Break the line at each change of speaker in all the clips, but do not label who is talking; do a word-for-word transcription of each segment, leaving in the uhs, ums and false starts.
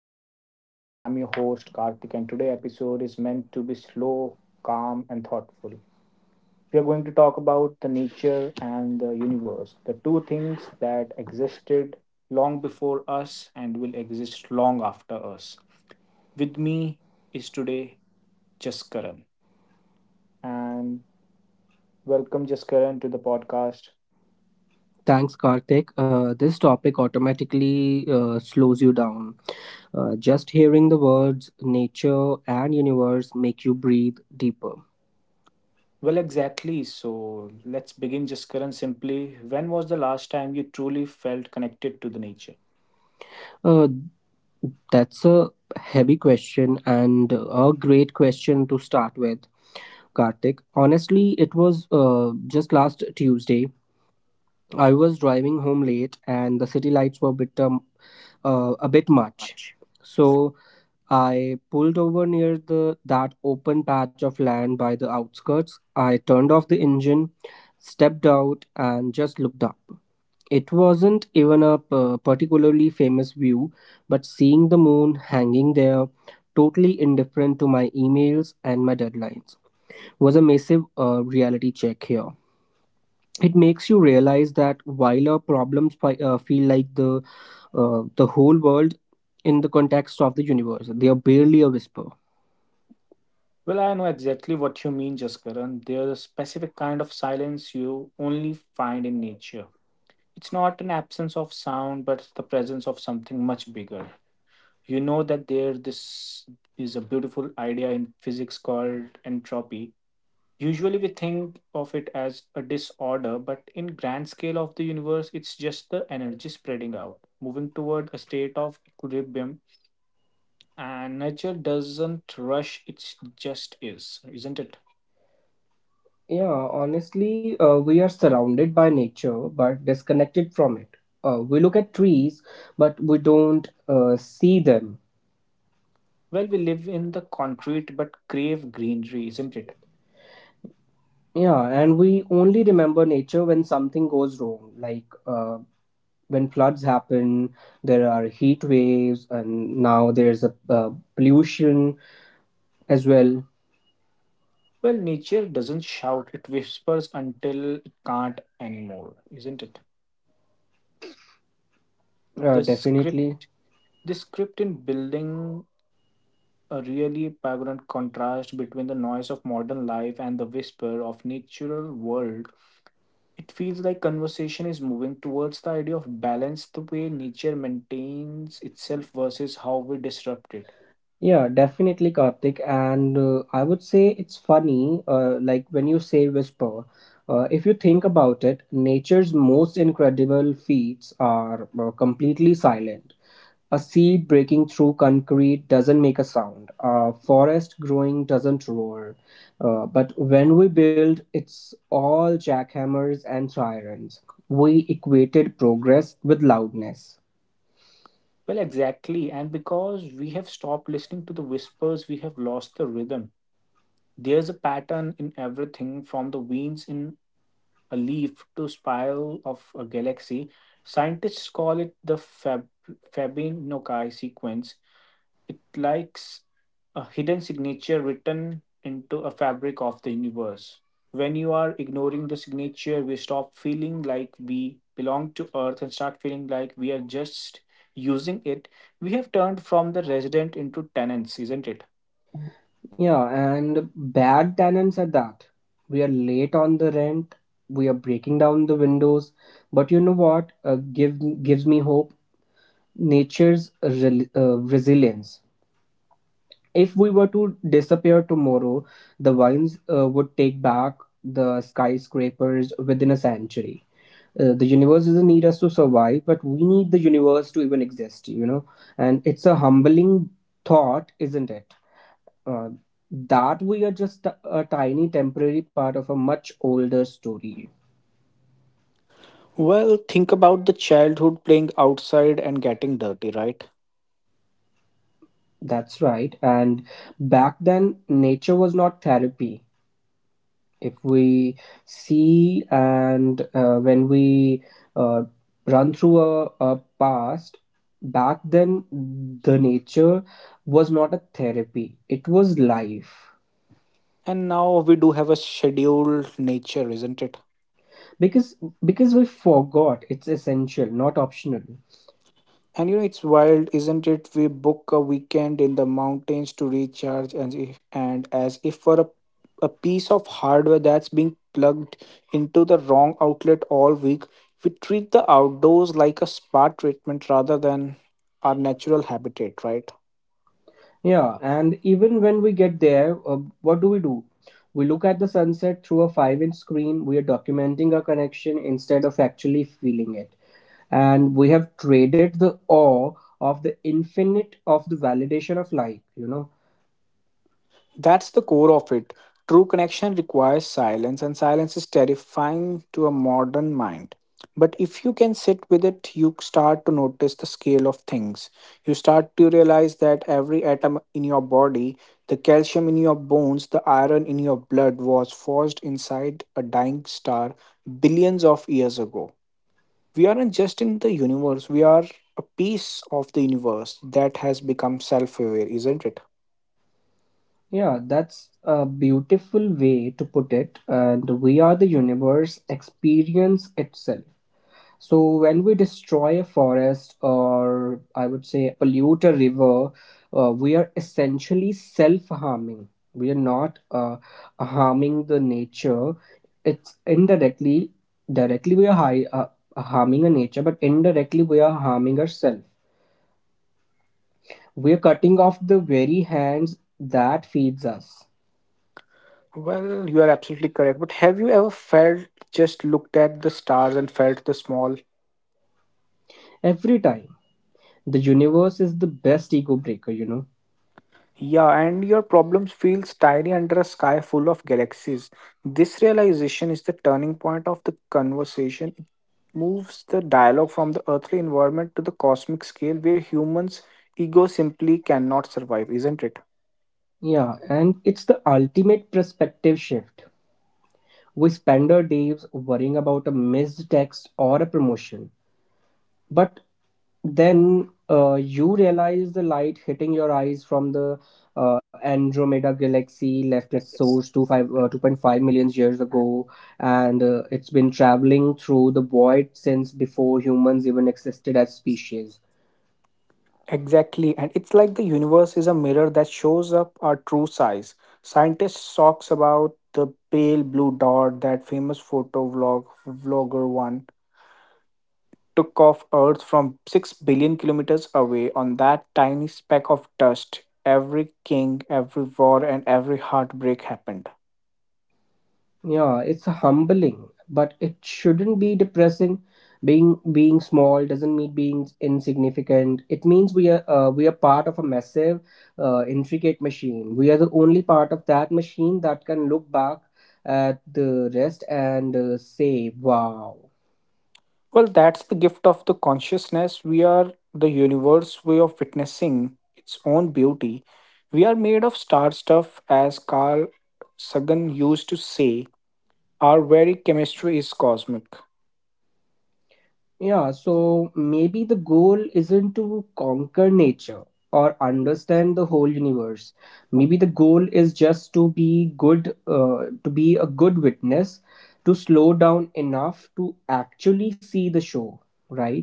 T P podcast. I'm your host Karthik and today episode is meant to be slow, calm and thoughtful. We are going to talk about the nature and the universe, the two things that existed long before us and will exist long after us. With me is today Jaskaran and welcome Jaskaran to the podcast.
Thanks, Karthik. Uh, this topic automatically uh, slows you down. Uh, just hearing the words nature and universe make you breathe deeper.
Well, exactly. So let's begin, Jaskaran. Simply, when was the last time you truly felt connected to the nature?
Uh, that's a heavy question and a great question to start with, Karthik. Honestly, it was uh, just last Tuesday. I was driving home late and the city lights were a bit, um, uh, a bit much.
Much. So,
So I pulled over near the that open patch of land by the outskirts. I turned off the engine, stepped out, and just looked up. It wasn't even a p- particularly famous view, but seeing the moon hanging there, totally indifferent to my emails and my deadlines, was a massive uh, reality check here. It makes you realize that while our problems fi- uh, feel like the uh, the whole world in the context of the universe, they are barely a whisper.
well, I know exactly what you mean, Jaskaran. There's a specific kind of silence you only find in nature. It's not an absence of sound, but the presence of something much bigger. You know that there this is a beautiful idea in physics called entropy. Usually we think of it as a disorder, but in grand scale of the universe, it's just the energy spreading out, moving toward a state of equilibrium and nature doesn't rush, it just is, isn't it?
Yeah, honestly, uh, we are surrounded by nature but disconnected from it. Uh, we look at trees but we don't uh, see them.
Well, we live in the concrete but crave greenery, isn't it?
Yeah, and we only remember nature when something goes wrong, like uh, when floods happen, there are heat waves, and now there's a uh, pollution as well,
Well, nature doesn't shout, it whispers until it can't anymore, isn't it?
uh,
the script
definitely.
the script in building a really pregnant contrast between the noise of modern life and the whisper of natural world. It feels like conversation is moving towards the idea of balance, the way nature maintains itself versus how we disrupt it.
Yeah, definitely, Karthik. And uh, I would say it's funny, uh, like when you say whisper, uh, if you think about it, nature's most incredible feats are uh, completely silent. A seed breaking through concrete doesn't make a sound, a forest growing doesn't roar. Uh, but when we build, it's all jackhammers and sirens. We equated progress with loudness.
Well, exactly. And because we have stopped listening to the whispers, we have lost the rhythm. There's a pattern in everything, from the veins in a leaf to spiral of a galaxy. Scientists call it the Fab- Fabinoci sequence. It likes a hidden signature written into a fabric of the universe. When you are ignoring the signature, we stop feeling like we belong to Earth and start feeling like we are just using it. We have turned from the resident into tenants, isn't it?
Yeah, and bad tenants at that. We are late on the rent. We are breaking down the windows. But you know what? Uh, give gives me hope. Nature's rel uh, resilience. If we were to disappear tomorrow, the vines uh, would take back the skyscrapers within a century. Uh, the universe doesn't need us to survive, but we need the universe to even exist, you know? And it's a humbling thought, isn't it? uh, that we are just t- a tiny temporary part of a much older story.
Well, think about the childhood playing outside and getting dirty, right?
That's right. And back then, nature was not therapy. If we see and uh, when we uh, run through a, a past, Back then, the nature was not a therapy, it was life.
And now we do have a scheduled nature, isn't it?
Because, because we forgot it's essential, not optional.
And you know, it's wild, isn't it? We book a weekend in the mountains to recharge, and if, and as if for a, a piece of hardware that's being plugged into the wrong outlet all week, we treat the outdoors like a spa treatment rather than our natural habitat, right?
Yeah, and even when we get there, uh, what do we do? We look at the sunset through a five inch screen. We are documenting our connection instead of actually feeling it. And we have traded the awe of the infinite of the validation of light, you know?
That's the core of it. True connection requires silence, and silence is terrifying to a modern mind. But if you can sit with it, you start to notice the scale of things. You start to realize that every atom in your body, the calcium in your bones, the iron in your blood, was forged inside a dying star billions of years ago. We aren't just in the universe, we are a piece of the universe that has become self aware, isn't it?
Yeah, that's a beautiful way to put it. And we are the universe experience itself. So when we destroy a forest or I would say pollute a river, uh, we are essentially self-harming. We are not uh, harming the nature. It's indirectly, directly we are hi- uh, harming a nature, but indirectly we are harming ourselves. We are cutting off the very hands that feeds us
Well, you are absolutely correct. But have you ever felt just looked at the stars and felt the small?
every time. The universe is the best ego breaker, you know.
Yeah, and your problems feels tiny under a sky full of galaxies. This realization is the turning point of the conversation. It moves the dialogue from the earthly environment to the cosmic scale where humans' ego simply cannot survive, isn't it?
Yeah, and it's the ultimate perspective shift. We spend our days worrying about a missed text or a promotion. But then uh, you realize the light hitting your eyes from the uh, Andromeda galaxy left its source two five, uh, two point five million years ago, and uh, it's been traveling through the void since before humans even existed as species.
Exactly, and it's like the universe is a mirror that shows up our true size. Scientists talks about the pale blue dot, that famous photo vlog vlogger one took off Earth from six billion kilometers away. On that tiny speck of dust, every king, every war, and every heartbreak happened.
Yeah, it's humbling, but it shouldn't be depressing. Being being small doesn't mean being insignificant. It means we are uh, we are part of a massive, uh, intricate machine. We are the only part of that machine that can look back at the rest and uh, say, "Wow."
Well, that's the gift of the consciousness. We are the universe way of witnessing its own beauty. We are made of star stuff, as Carl Sagan used to say. Our very chemistry is cosmic.
Yeah, so maybe the goal isn't to conquer nature or understand the whole universe. Maybe the goal is just to be good, uh, to be a good witness, to slow down enough to actually see the show, right?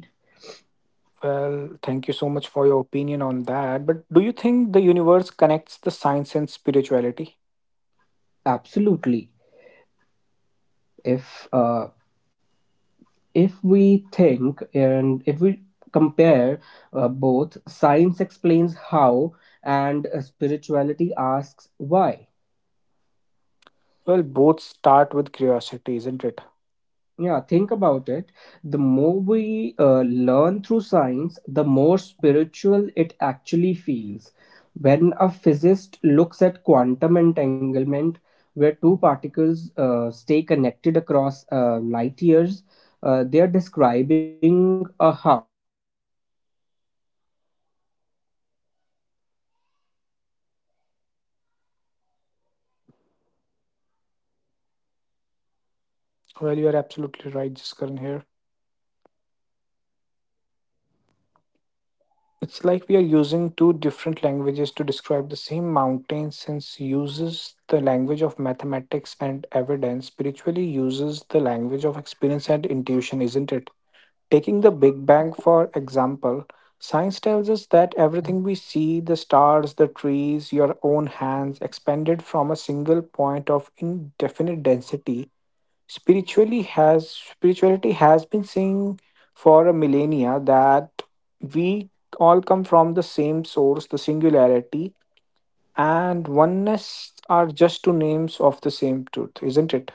Well, thank you so much for your opinion on that. But do you think the universe connects the science and spirituality?
Absolutely. If uh, if we think and if we compare uh, both, science explains how and uh, spirituality asks why.
Well, both start with curiosity, isn't it?
Yeah, think about it. The more we uh, learn through science, the more spiritual it actually feels. When a physicist looks at quantum entanglement, where two particles uh, stay connected across uh, light years, uh, they are describing a hub.
Well, you are absolutely right, Jiskaran here. It's like we are using two different languages to describe the same mountain, since uses the language of mathematics and evidence, spiritually uses the language of experience and intuition, isn't it? Taking the Big Bang for example, science tells us that everything we see, the stars, the trees, your own hands, expanded from a single point of indefinite density. Spiritually has Spirituality has been saying for a millennia that we all come from the same source, the singularity and oneness are just two names of the same truth, isn't it?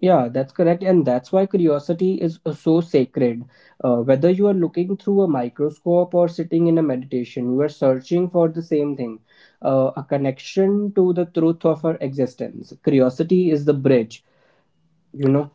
Yeah, that's correct. And that's why curiosity is uh, so sacred. Uh, whether you are looking through a microscope or sitting in a meditation, you are searching for the same thing, uh, a connection to the truth of our existence. Curiosity is the bridge, you know?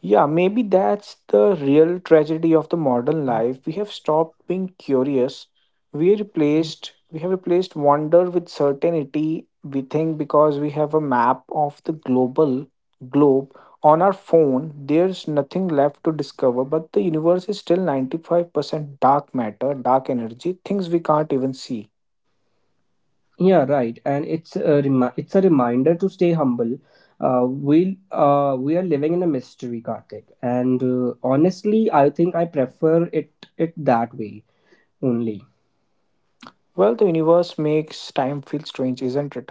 Yeah, maybe that's the real tragedy of the modern life. We have stopped being curious. We replaced we have replaced wonder with certainty. We think because we have a map of the global globe on our phone, there's nothing left to discover, but the universe is still ninety-five percent dark matter, dark energy, things we can't even see.
Yeah, right. And it's a, remi- it's a reminder to stay humble. Uh, we uh, we are living in a mystery, Karthik. And uh, honestly, I think I prefer it it that way only.
Well, the universe makes time feel strange, isn't it?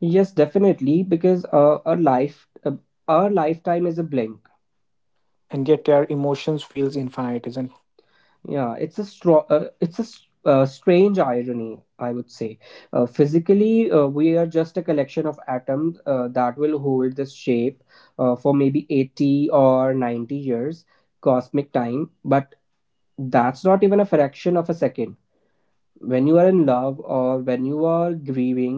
Yes, definitely, because uh, our life, uh, our lifetime is a blink.
And yet our emotions feels infinite, isn't it?
Yeah, it's a strong, uh, it's a s- uh, strange irony, I would say. Uh, physically, uh, we are just a collection of atoms uh, that will hold this shape uh, for maybe eighty or ninety years, cosmic time. But that's not even a fraction of a second. When you are in love or when you are grieving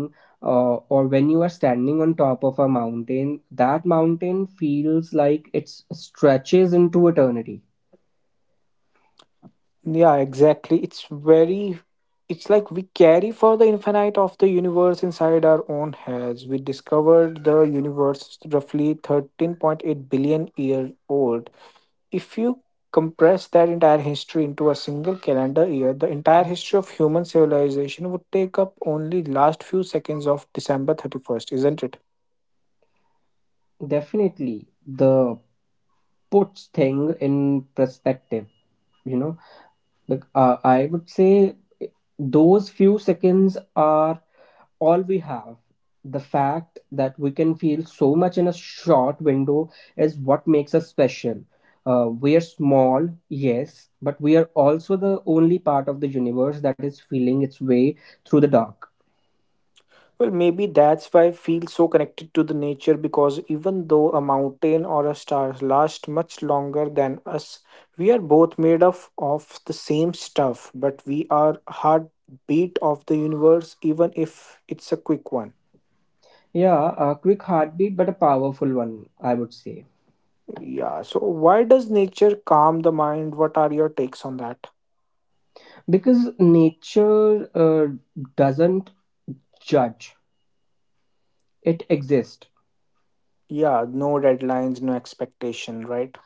uh, or when you are standing on top of a mountain, that mountain feels like it stretches into eternity.
Yeah, exactly. It's very, it's like we carry for the infinite of the universe inside our own heads. We discovered the universe is roughly thirteen point eight billion years old. If you compress that entire history into a single calendar year, the entire history of human civilization would take up only last few seconds of December thirty-first, isn't it?
Definitely, the puts thing in perspective, you know. like uh, I would say those few seconds are all we have. The fact that we can feel so much in a short window is what makes us special. Uh, we are small, yes, but we are also the only part of the universe that is feeling its way through the dark.
Well, maybe that's why I feel so connected to the nature, because even though a mountain or a star last much longer than us, we are both made of, of the same stuff, but we are heartbeat of the universe, even if it's a quick one.
Yeah, a quick heartbeat but a powerful one, I would say.
Yeah, so why does nature calm the mind? What are your takes on that?
Because nature uh, doesn't judge, it exists.
Yeah, no deadlines, no expectation, right?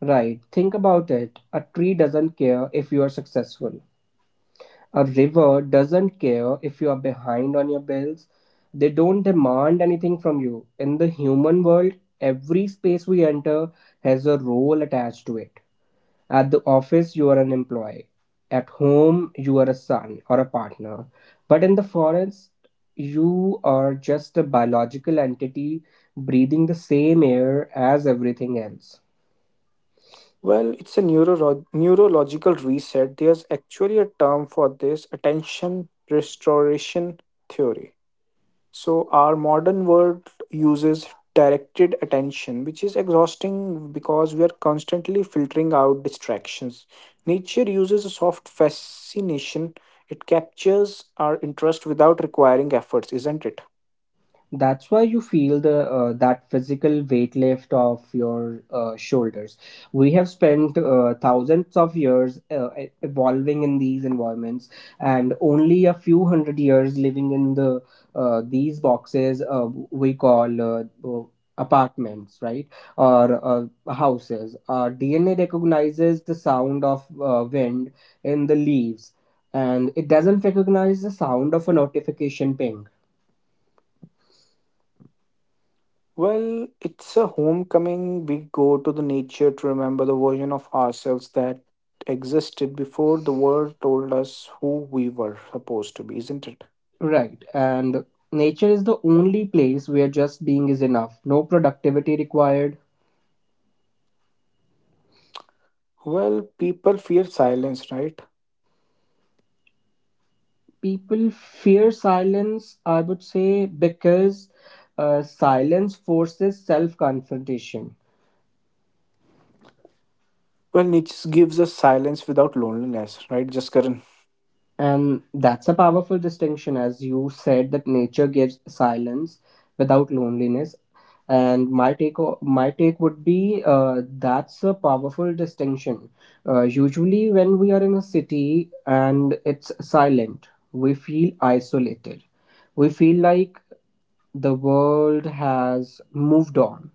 Right, think about it. A tree doesn't care if you are successful. A river doesn't care if you are behind on your bills. They don't demand anything from you. In the human world, every space we enter has a role attached to it. At the office, you are an employee. At home, you are a son or a partner. But in the forest, you are just a biological entity breathing the same air as everything else.
Well, it's a neuro- neurological reset. There's actually a term for this, attention restoration theory. So, our modern world uses directed attention, which is exhausting because we are constantly filtering out distractions. Nature uses a soft fascination, it captures our interest without requiring efforts, isn't it?
That's why you feel the uh, that physical weight lift of your uh, shoulders. We have spent uh, thousands of years uh, e- evolving in these environments and only a few hundred years living in the uh, these boxes uh, we call uh, uh, apartments, right? Or uh, houses. Our D N A recognizes the sound of uh, wind in the leaves, and it doesn't recognize the sound of a notification ping.
Well, it's a homecoming. We go to the nature to remember the version of ourselves that existed before the world told us who we were supposed to be, isn't it?
Right. And nature is the only place where just being is enough. No productivity required.
Well, people fear silence, right?
People fear silence, I would say, because uh, silence forces self confrontation.
Well, nature gives us silence without loneliness, right, Jaskaran?
And that's a powerful distinction, as you said, that nature gives silence without loneliness. And my take, o- my take would be uh, that's a powerful distinction. Uh, usually, when we are in a city and it's silent, we feel isolated. We feel like the world has moved on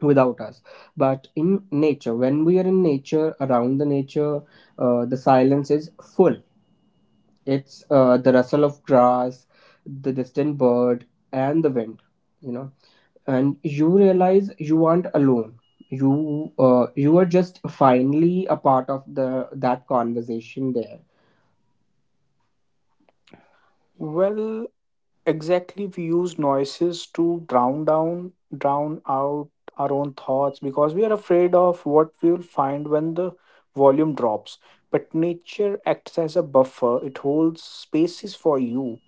without us. But in nature, when we are in nature, around the nature, uh, the silence is full. It's uh, the rustle of grass, the distant bird, and the wind, you know. And you realize you aren't alone. You uh, you are just finally a part of the that conversation there.
Well, exactly, we use noises to drown down drown out our own thoughts because we are afraid of what we will find when the volume drops. But nature acts as a buffer, it holds spaces for you.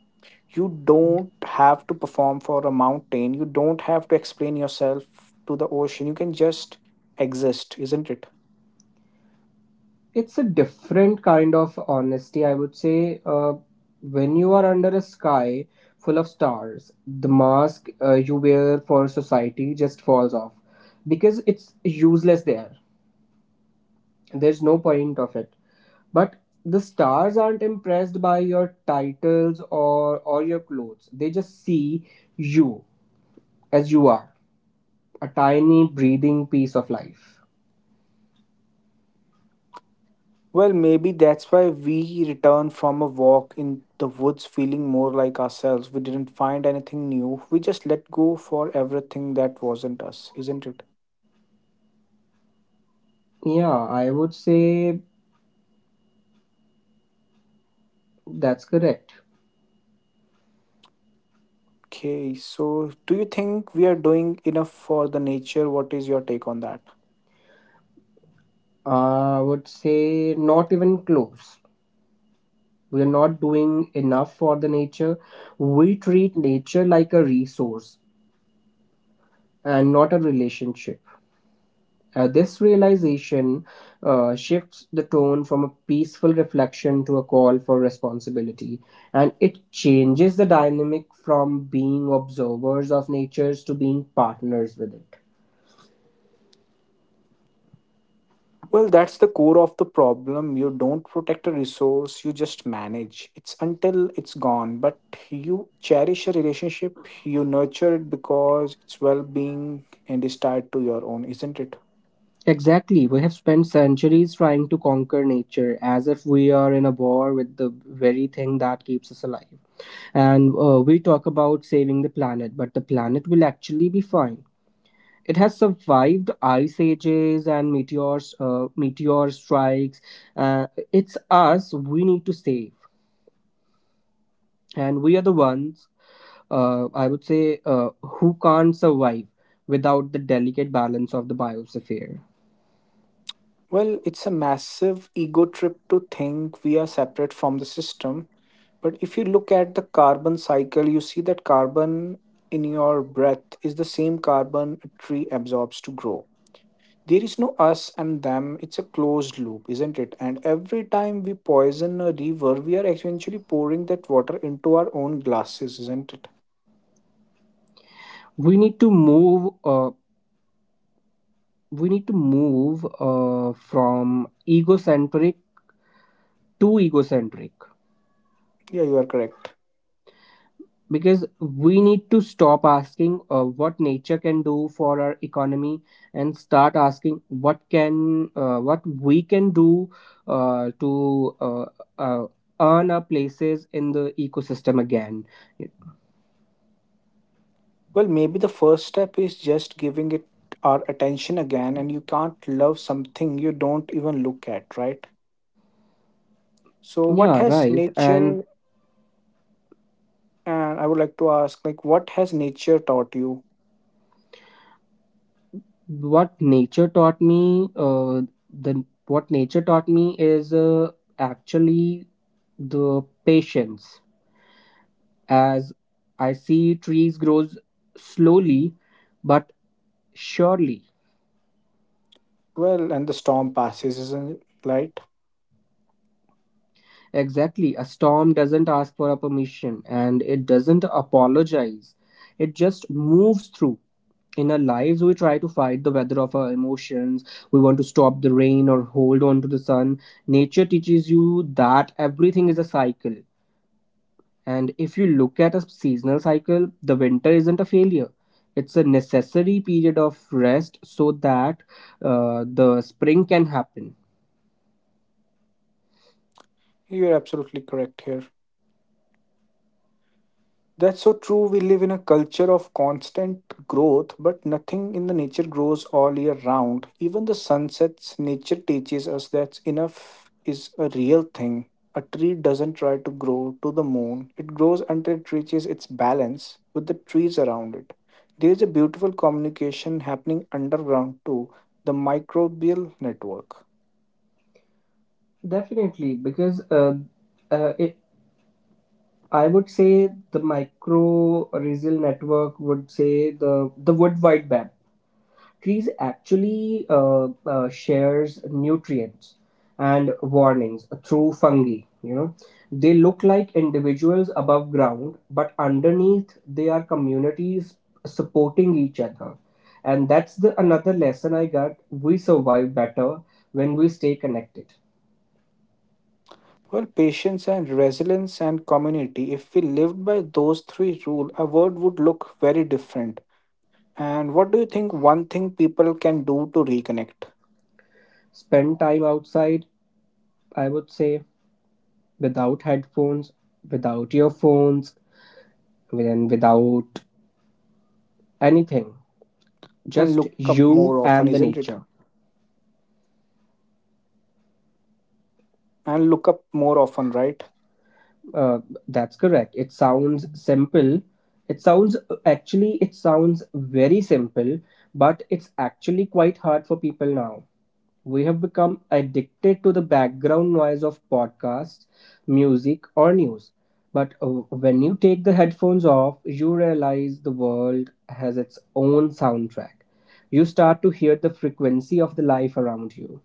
You don't have to perform for a mountain, you don't have to explain yourself to the ocean, you can just exist, isn't it?
It's a different kind of honesty, I would say. Uh, when you are under a sky full of stars, the mask uh, you wear for society just falls off because it's useless there. There's no point of it. But the stars aren't impressed by your titles or, or your clothes. They just see you as you are, a tiny breathing piece of life.
Well, maybe that's why we returned from a walk in the woods feeling more like ourselves. We didn't find anything new. We just let go for everything that wasn't us, isn't it?
Yeah, I would say that's correct.
Okay, so do you think we are doing enough for the nature? What is your take on that?
I would say not even close. We're not doing enough for the nature. We treat nature like a resource and not a relationship. Uh, this realization uh, shifts the tone from a peaceful reflection to a call for responsibility, and it changes the dynamic from being observers of nature to being partners with it.
Well, that's the core of the problem. You don't protect a resource, you just manage. It's until it's gone, but you cherish a relationship, you nurture it because it's well being and is tied to your own, isn't it?
Exactly, we have spent centuries trying to conquer nature as if we are in a war with the very thing that keeps us alive, and uh, we talk about saving the planet, but the planet will actually be fine. It has survived ice ages and meteors, uh, meteor strikes. Uh, it's us we need to save, and we are the ones uh, I would say uh, who can't survive without the delicate balance of the biosphere.
Well, it's a massive ego trip to think we are separate from the system. But if you look at the carbon cycle, you see that carbon in your breath is the same carbon a tree absorbs to grow. There is no us and them, it's a closed loop, isn't it? And every time we poison a river, we are essentially pouring that water into our own glasses, isn't it?
We need to move. Uh, we need to move uh, from egocentric to egocentric.
Yeah, you are correct.
Because we need to stop asking uh, what nature can do for our economy and start asking what can uh, what we can do uh, to uh, uh, earn our places in the ecosystem again.
Well, maybe the first step is just giving it our attention again, and you can't love something you don't even look at, right? So, what
Yeah,
has
right. And
nature, and I would like to ask, like, what has nature taught you?
what nature taught me uh, the what nature taught me is uh, actually the patience, as I see trees grows slowly but surely.
Well, and the storm passes, isn't it? Right?
Exactly. A storm doesn't ask for a permission and it doesn't apologize. It just moves through. In our lives, we try to fight the weather of our emotions. We want to stop the rain or hold on to the sun. Nature teaches you that everything is a cycle. And if you look at a seasonal cycle, the winter isn't a failure. It's a necessary period of rest so that uh, the spring can happen.
You're absolutely correct here. That's so true. We live in a culture of constant growth, but nothing in the nature grows all year round. Even the sunsets, nature teaches us that enough is a real thing. A tree doesn't try to grow to the moon, it grows until it reaches its balance with the trees around it. There is a beautiful communication happening underground too, the microbial network.
Definitely, because uh, uh, it, I would say the micro microracial network, would say the the wood wide web. Trees actually uh, uh, shares nutrients and warnings through fungi. You know, they look like individuals above ground, but underneath they are communities supporting each other. And that's the another lesson I got. We survive better when we stay connected.
Well, patience and resilience and community. If we lived by those three rules, our world would look very different. And what do you think one thing people can do to reconnect,
Spend time outside. I would say without headphones, without earphones, and without anything.
and
Just
look up
you
more often,
and the
isn't it?
nature.
And look up more often, right?
Uh, that's correct. It sounds simple. It sounds actually, it sounds very simple, but it's actually quite hard for people now. We have become addicted to the background noise of podcasts, music, or news. But uh, when you take the headphones off, you realize the world has its own soundtrack. You start to hear the frequency of the life around you.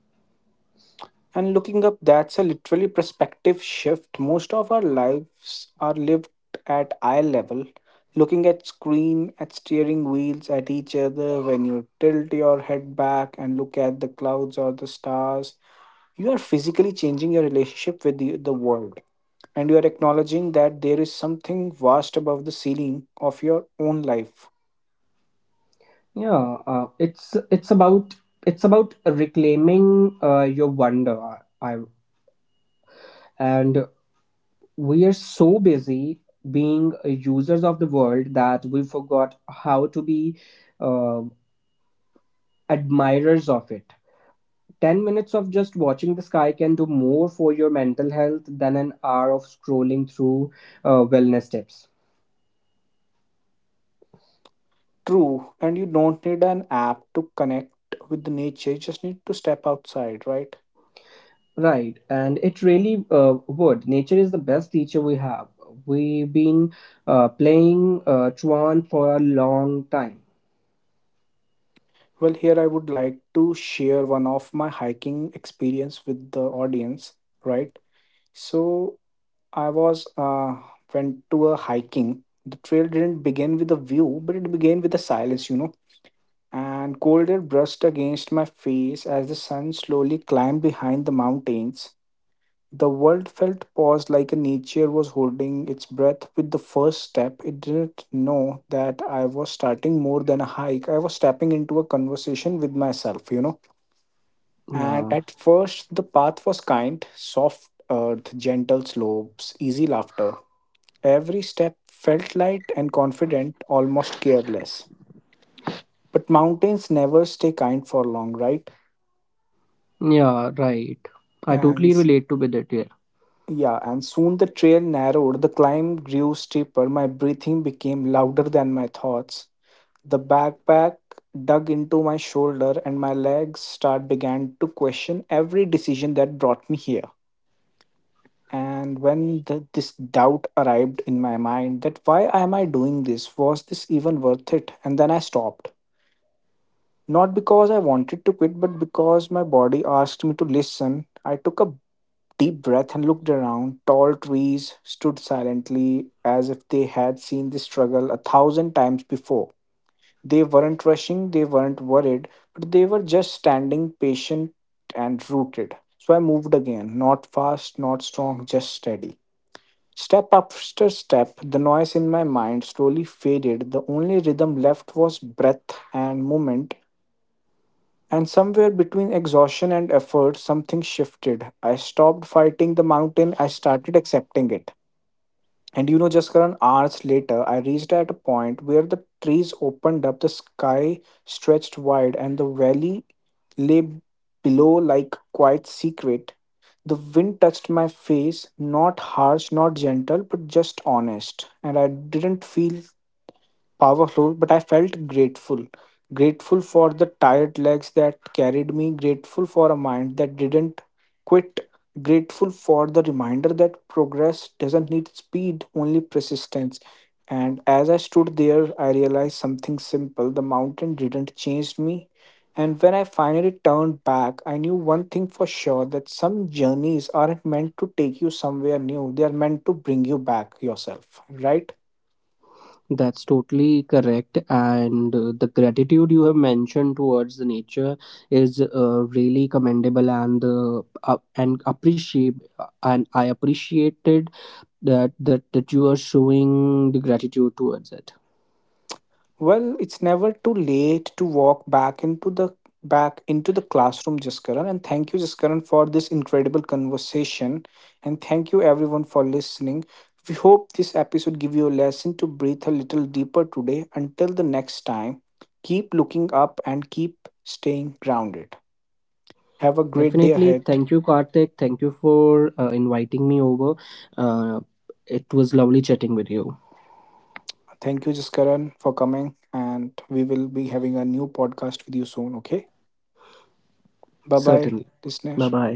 And looking up, that's a literally perspective shift. Most of our lives are lived at eye level, looking at screen, at steering wheels, at each other. When you tilt your head back and look at the clouds or the stars, you are physically changing your relationship with the, the world, and you are acknowledging that there is something vast above the ceiling of your own life.
Yeah, uh, it's it's about it's about reclaiming uh, your wonder. I, and We are so busy being users of the world that we forgot how to be uh, admirers of it. Ten minutes of just watching the sky can do more for your mental health than an hour of scrolling through uh, wellness tips.
True, and you don't need an app to connect with the nature, you just need to step outside, right?
Right, and it really uh, would. Nature is the best teacher we have. We've been uh, playing uh, Chuan for a long time.
Well, here I would like to share one of my hiking experience with the audience, right? So I was uh, went to a hiking. The trail didn't begin with a view, but it began with a silence, you know. And cold air brushed against my face as the sun slowly climbed behind the mountains. The world felt paused, like a nature was holding its breath. With the first step, it didn't know that I was starting more than a hike. I was stepping into a conversation with myself, you know. And
Yeah,
at first, the path was kind, soft earth, gentle slopes, easy laughter. Every step felt light and confident, almost careless. But mountains never stay kind for long, right?
yeah, right. I totally
And
relate to with it here.
Yeah, and soon the trail narrowed, the climb grew steeper, my breathing became louder than my thoughts. The backpack dug into my shoulder, and my legs start began to question every decision that brought me here. And when the, this doubt arrived in my mind that why am I doing this? Was this even worth it? And then I stopped. Not because I wanted to quit, but because my body asked me to listen. I took a deep breath and looked around. Tall trees stood silently as if they had seen the struggle a thousand times before. They weren't rushing, they weren't worried, but they were just standing patient and rooted. So I moved again, not fast, not strong, just steady. Step after step, the noise in my mind slowly faded. The only rhythm left was breath and movement, and somewhere between exhaustion and effort, something shifted. I stopped fighting the mountain, I started accepting it. And you know, just Karan, hours later, I reached at a point where the trees opened up, the sky stretched wide, and the valley lay below like quiet secret. The wind touched my face, not harsh, not gentle, but just honest. And I didn't feel powerful, but I felt grateful. Grateful for the tired legs that carried me, grateful for a mind that didn't quit, grateful for the reminder that progress doesn't need speed, only persistence. And as I stood there, I realized something simple: the mountain didn't change me. And when I finally turned back, I knew one thing for sure, that some journeys aren't meant to take you somewhere new, they are meant to bring you back yourself, right?
That's totally correct. And uh, the gratitude you have mentioned towards the nature is uh, really commendable and uh, up and appreciate and I appreciated that that that you are showing the gratitude towards it.
Well, it's never too late to walk back into the back into the classroom, Jaskaran. And thank you, Jaskaran, for this incredible conversation. And thank you everyone for listening. We hope this episode give you a lesson to breathe a little deeper today. Until the next time, keep looking up and keep staying grounded. Have a great day
Definitely.
ahead.
Thank you, Karthik. Thank you for uh, inviting me over. Uh, it was lovely chatting with you.
Thank you, Jaskaran, for coming. And we will be having a new podcast with you soon. Okay. Bye bye,
Certainly. Bye
listener.
bye.